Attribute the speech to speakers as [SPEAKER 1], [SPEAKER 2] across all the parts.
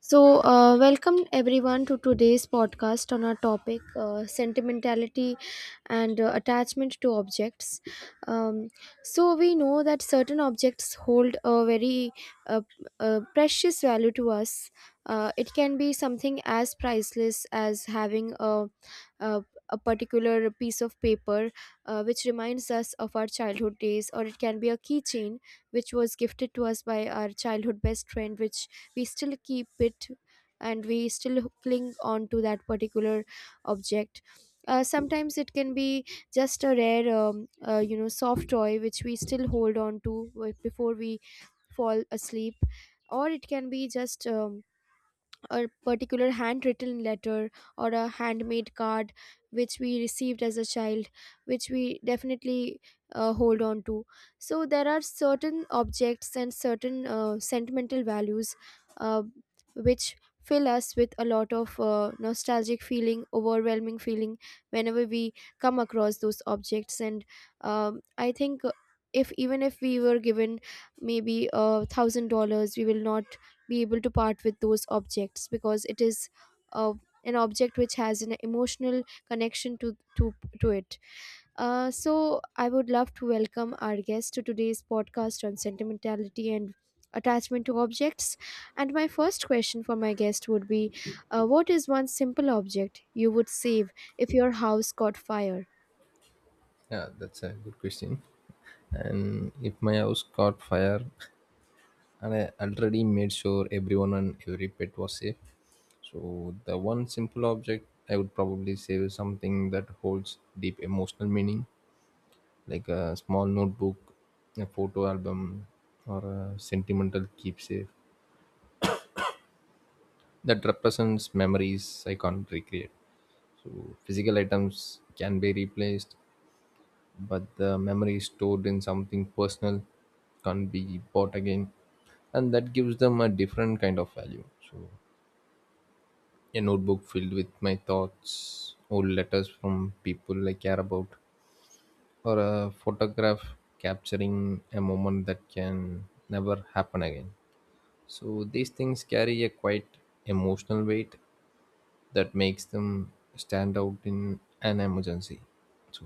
[SPEAKER 1] So welcome everyone to today's podcast on our topic sentimentality and attachment to objects. Um, so we know that certain objects hold a very uh, precious value to us. It can be something as priceless as having a a particular piece of paper which reminds us of our childhood days, or it can be a keychain which was gifted to us by our childhood best friend, which we still keep it and we still cling on to that particular object. Sometimes it can be just a rare soft toy which we still hold on to before we fall asleep, or it can be just a particular handwritten letter or a handmade card which we received as a child, which we definitely hold on to. So there are certain objects and certain sentimental values uh, which fill us with a lot of nostalgic feeling, overwhelming feeling whenever we come across those objects. And I think if, even if we were given maybe $1,000, we will not be able to part with those objects, because it is uh, an object which has an emotional connection to it. So I would love to welcome our guest to today's podcast on sentimentality and attachment to objects. And my first question for my guest would be, what is one simple object you would save if your house caught fire?
[SPEAKER 2] Yeah, that's a good question. And if my house caught fire, and I already made sure everyone and every pet was safe, so the one simple object I would probably save is something that holds deep emotional meaning, like a small notebook, a photo album, or a sentimental keepsake that represents memories I can't recreate. So physical items can be replaced, but the memory is stored in something personal can't be bought again, and that gives them a different kind of value. So a notebook filled with my thoughts, old letters from people I care about, or a photograph capturing a moment that can never happen again. So these things carry a quite emotional weight that makes them stand out in an emergency. So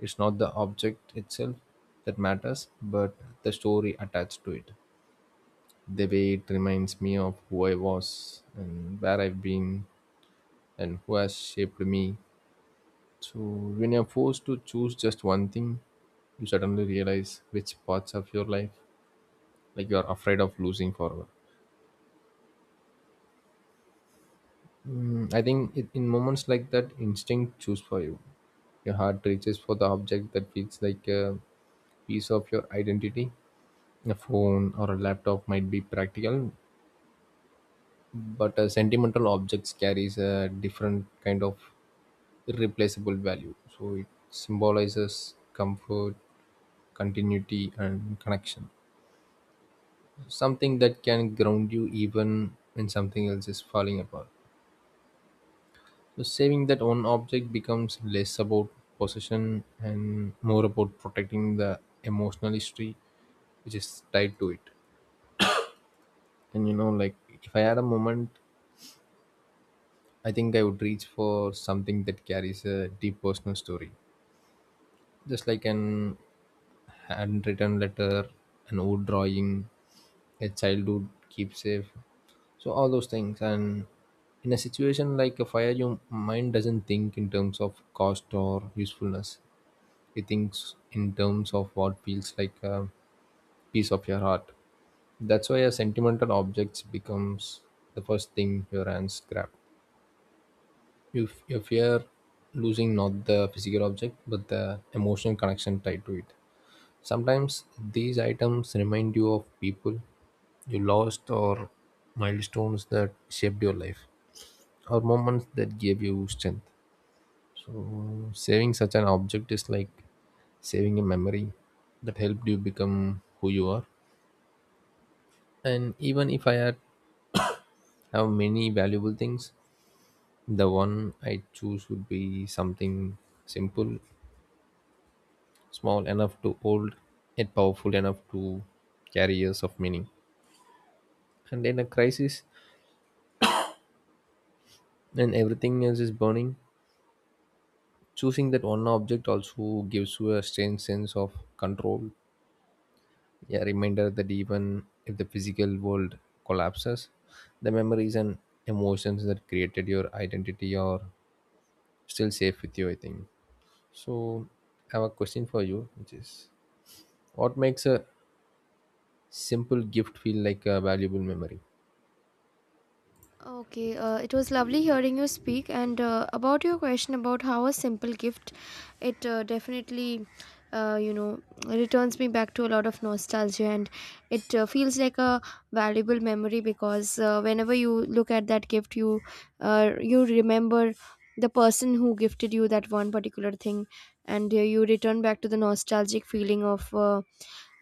[SPEAKER 2] it's not the object itself that matters, but the story attached to it. The way it reminds me of who I was and where I've been and who has shaped me. So, when you're forced to choose just one thing, you suddenly realize which parts of your life like you are afraid of losing forever. I think in moments like that, instinct choose for you. Your heart reaches for the object that feels like a piece of your identity. A phone or a laptop might be practical, but a sentimental objects carries a different kind of irreplaceable value. So it symbolizes comfort, continuity, and connection. Something that can ground you even when something else is falling apart. So saving that one object becomes less about possession and more about protecting the emotional history which is tied to it. And like if I had a moment, I think I would reach for something that carries a deep personal story, just like an handwritten letter, an old drawing, a childhood keepsake. So, all those things. And in a situation like a fire, your mind doesn't think in terms of cost or usefulness, it thinks in terms of what feels like a piece of your heart. That's why a sentimental object becomes the first thing your hands grab. You fear losing not the physical object, but the emotional connection tied to it. Sometimes these items remind you of people you lost, or milestones that shaped your life, or moments that gave you strength. So, saving such an object is like saving a memory that helped you become who you are. And even if I had have many valuable things, the one I choose would be something simple, small enough to hold yet powerful enough to carry years of meaning. And in a crisis, when everything else is burning, choosing that one object also gives you a strange sense of control. A reminder that even if the physical world collapses, the memories and emotions that created your identity are still safe with you, I think. So, I have a question for you, which is what makes a simple gift feel like a valuable memory?
[SPEAKER 1] Okay, it was lovely hearing you speak. And about your question about how a simple gift, it definitely, uh, you know, returns me back to a lot of nostalgia, and it feels like a valuable memory, because whenever you look at that gift, you remember the person who gifted you that one particular thing, and you return back to the nostalgic feeling of. Uh,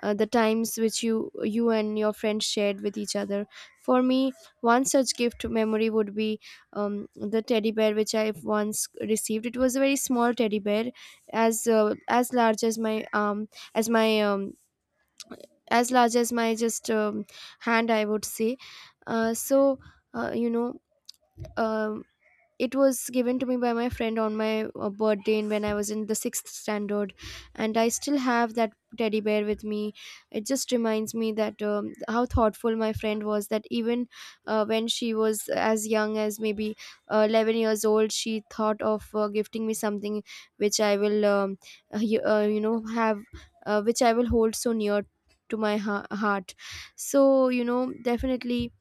[SPEAKER 1] uh, The times which you and your friends shared with each other. For me, one such gift memory would be um, the teddy bear which I once received. It was a very small teddy bear, as large as my um as my as large as my just hand, I would say. uh, so uh, you know um it was given to me by my friend on my birthday, and when I was in the sixth standard. And I still have that teddy bear with me. It just reminds me that how thoughtful my friend was, that even when she was as young as maybe 11 years old, she thought of gifting me something which I will have, which I will hold so near to my heart. So you know, definitely,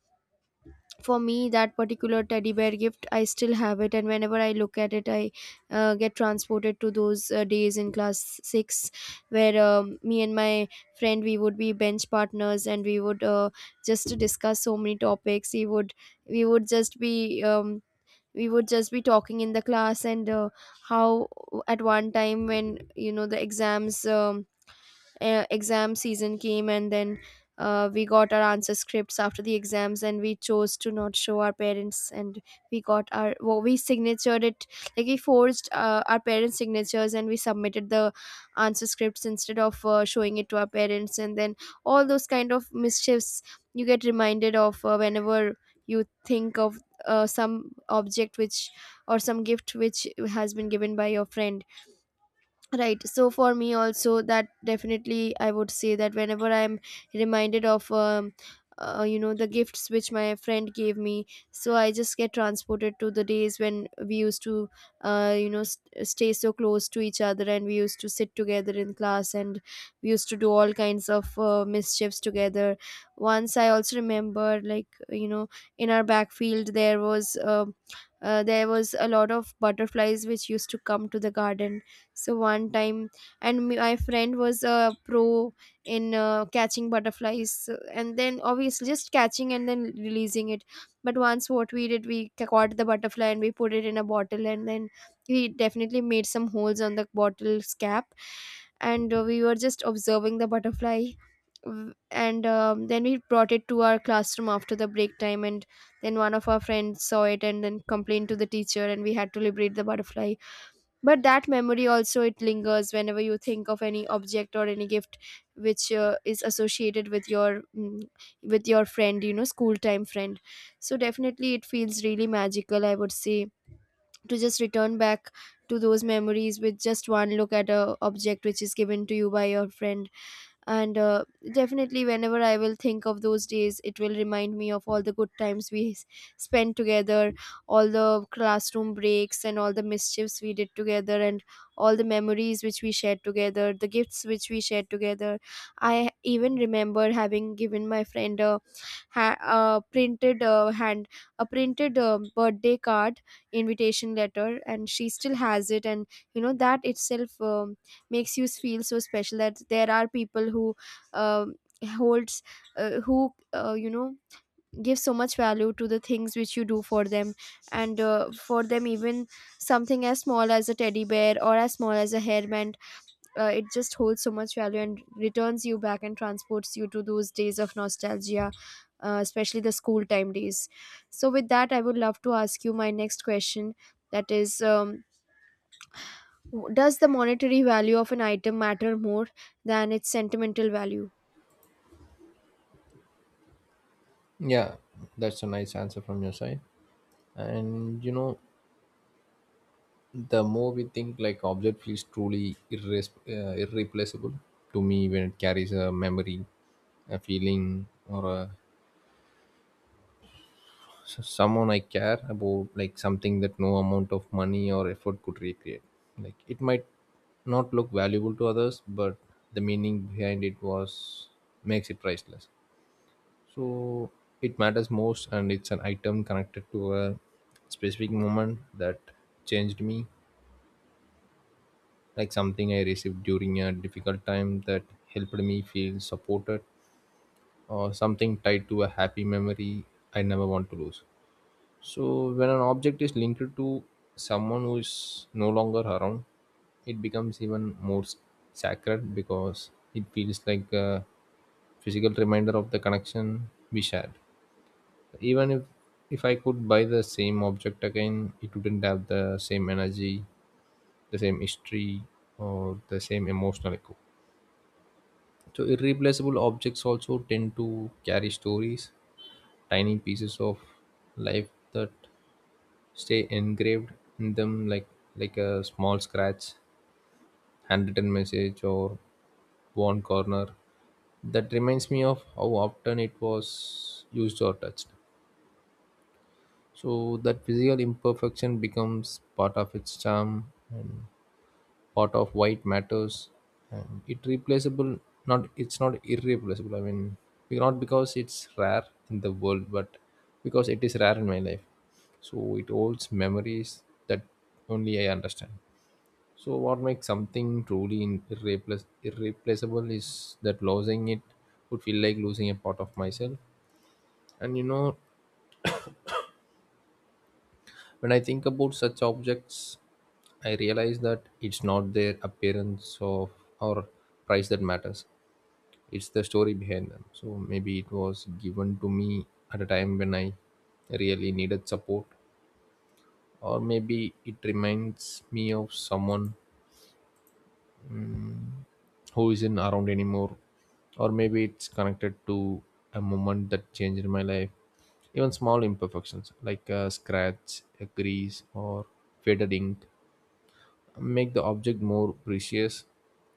[SPEAKER 1] for me, that particular teddy bear gift, I still have it, and whenever I look at it, I get transported to those days in class 6, where me and my friend, we would be bench partners, and we would just discuss so many topics. We would just be um, we would just be talking in the class. And how at one time, when you know, the exams exam season came, and then we got our answer scripts after the exams, and we chose to not show our parents, and we got our, well, we signatured it, like we forged our parents signatures, and we submitted the answer scripts instead of showing it to our parents. And then all those kind of mischiefs, you get reminded of whenever you think of some object which, or some gift which has been given by your friend. Right. So for me also, that definitely, I would say that whenever I'm reminded of you know, the gifts which my friend gave me, so I just get transported to the days when we used to you know, stay so close to each other, and we used to sit together in class, and we used to do all kinds of mischiefs together. Once I also remember, like you know, in our backfield there was a lot of butterflies which used to come to the garden. So one time, and my friend was a pro in catching butterflies, and then obviously just catching and then releasing it. But once what we did, we caught the butterfly, and we put it in a bottle, and then we definitely made some holes on the bottle's cap, and we were just observing the butterfly. W- And Then we brought it to our classroom after the break time, and then one of our friends saw it and then complained to the teacher, and we had to liberate the butterfly. But that memory also, it lingers whenever you think of any object or any gift which is associated with your with your friend, you know, school time friend. So definitely it feels really magical, I would say, to just return back to those memories with just one look at a object which is given to you by your friend. And definitely whenever I will think of those days, it will remind me of all the good times we spent together, all the classroom breaks and all the mischiefs we did together, and all the memories which we shared together, the gifts which we shared together. I even remember having given my friend a printed hand a printed birthday card invitation letter, and she still has it. And you know, that itself makes you feel so special, that there are people who um holds who you know, give so much value to the things which you do for them. And for them, even something as small as a teddy bear or as small as a hairband, it just holds so much value, and returns you back and transports you to those days of nostalgia, especially the school time days. So with that, I would love to ask you my next question, that is does the monetary value of an item matter more than its sentimental value?
[SPEAKER 2] Yeah, that's a nice answer from your side. And the more we think like object feels truly irreplaceable to me when it carries a memory, a feeling, or a someone I care about, like something that no amount of money or effort could recreate. Like it might not look valuable to others, but the meaning behind it was makes it priceless. So it matters most, and it's an item connected to a specific moment that changed me, like something I received during a difficult time that helped me feel supported, or something tied to a happy memory I never want to lose. So when an object is linked to someone who is no longer around, it becomes even more sacred because it feels like a physical reminder of the connection we shared. Even if I could buy the same object again, it wouldn't have the same energy, the same history, or the same emotional echo. So irreplaceable objects also tend to carry stories, tiny pieces of life that stay engraved in them, like a small scratch, handwritten message, or worn corner. That reminds me of how often it was used or touched. So that physical imperfection becomes part of its charm and part of why it matters. And it replaceable, not it's not irreplaceable. I mean, not because it's rare in the world, but because it is rare in my life. So it holds memories that only I understand. So what makes something truly irreplaceable is that losing it would feel like losing a part of myself. And when I think about such objects, I realize that it's not their appearance of or price that matters. It's the story behind them. So maybe it was given to me at a time when I really needed support, or maybe it reminds me of someone who isn't around anymore, or maybe it's connected to a moment that changed my life. Even small imperfections like a scratch, a crease, or faded ink make the object more precious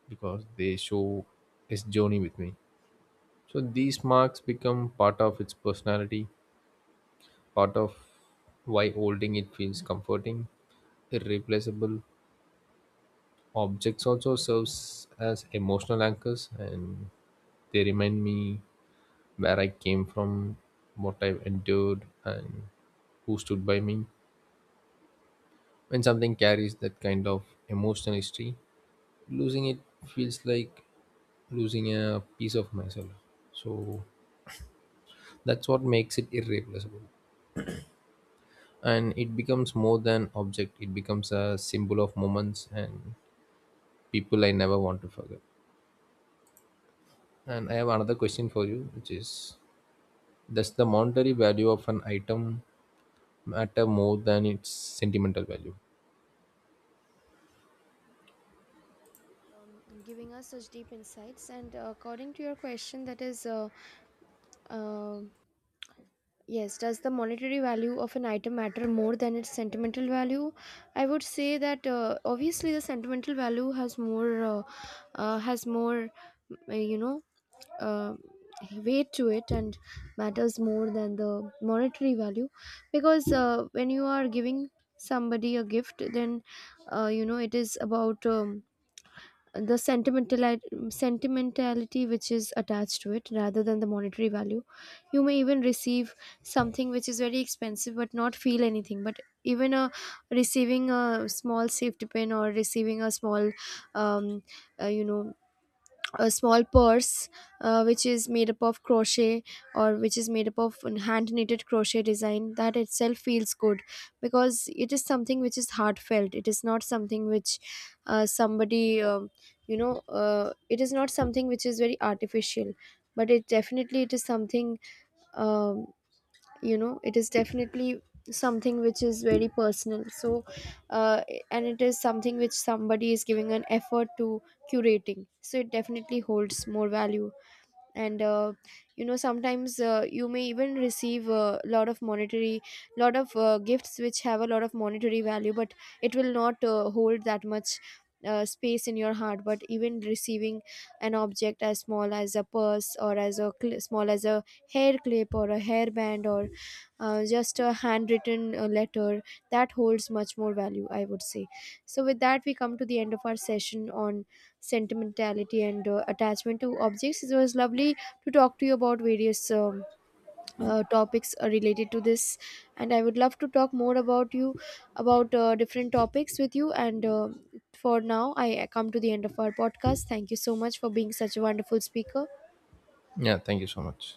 [SPEAKER 2] because they show its journey with me. So these marks become part of its personality, part of why holding it feels comforting, irreplaceable. Objects also serves as emotional anchors, and they remind me where I came from, what I've endured, and who stood by me. When something carries that kind of emotional history, losing it feels like losing a piece of myself. So that's what makes it irreplaceable, and it becomes more than object. It becomes a symbol of moments and people I never want to forget. And I have another question for you, which is does the monetary value of an item matter more than its sentimental value?
[SPEAKER 1] Giving us such deep insights. And according to your question, that is um yes, does the monetary value of an item matter more than its sentimental value? I would say that obviously the sentimental value has more, uh, you know, uh, weight to it, and matters more than the monetary value, because when you are giving somebody a gift, then you know, it is about. The sentimentality which is attached to it, rather than the monetary value. You may even receive something which is very expensive but not feel anything, but even a, receiving a small safety pin, or receiving a small um, you know, a small purse which is made up of crochet, or which is made up of hand knitted crochet design, that itself feels good, because it is something which is heartfelt. It is not something which somebody you know, it is not something which is very artificial, but it definitely, it is something, um, you know, it is definitely something which is very personal. So uh, and it is something which somebody is giving an effort to curating, so it definitely holds more value. And you know, sometimes you may even receive a lot of monetary, lot of gifts which have a lot of monetary value, but it will not hold that much space in your heart. But even receiving an object as small as a purse, or as a small as a hair clip or a hairband, or just a handwritten letter, that holds much more value, I would say. So with that, we come to the end of our session on sentimentality and attachment to objects. It was lovely to talk to you about various topics related to this, and I would love to talk more about you, about different topics with you. And for now, I come to the end of our podcast. Thank you so much for being such a wonderful speaker.
[SPEAKER 2] Yeah, thank you so much.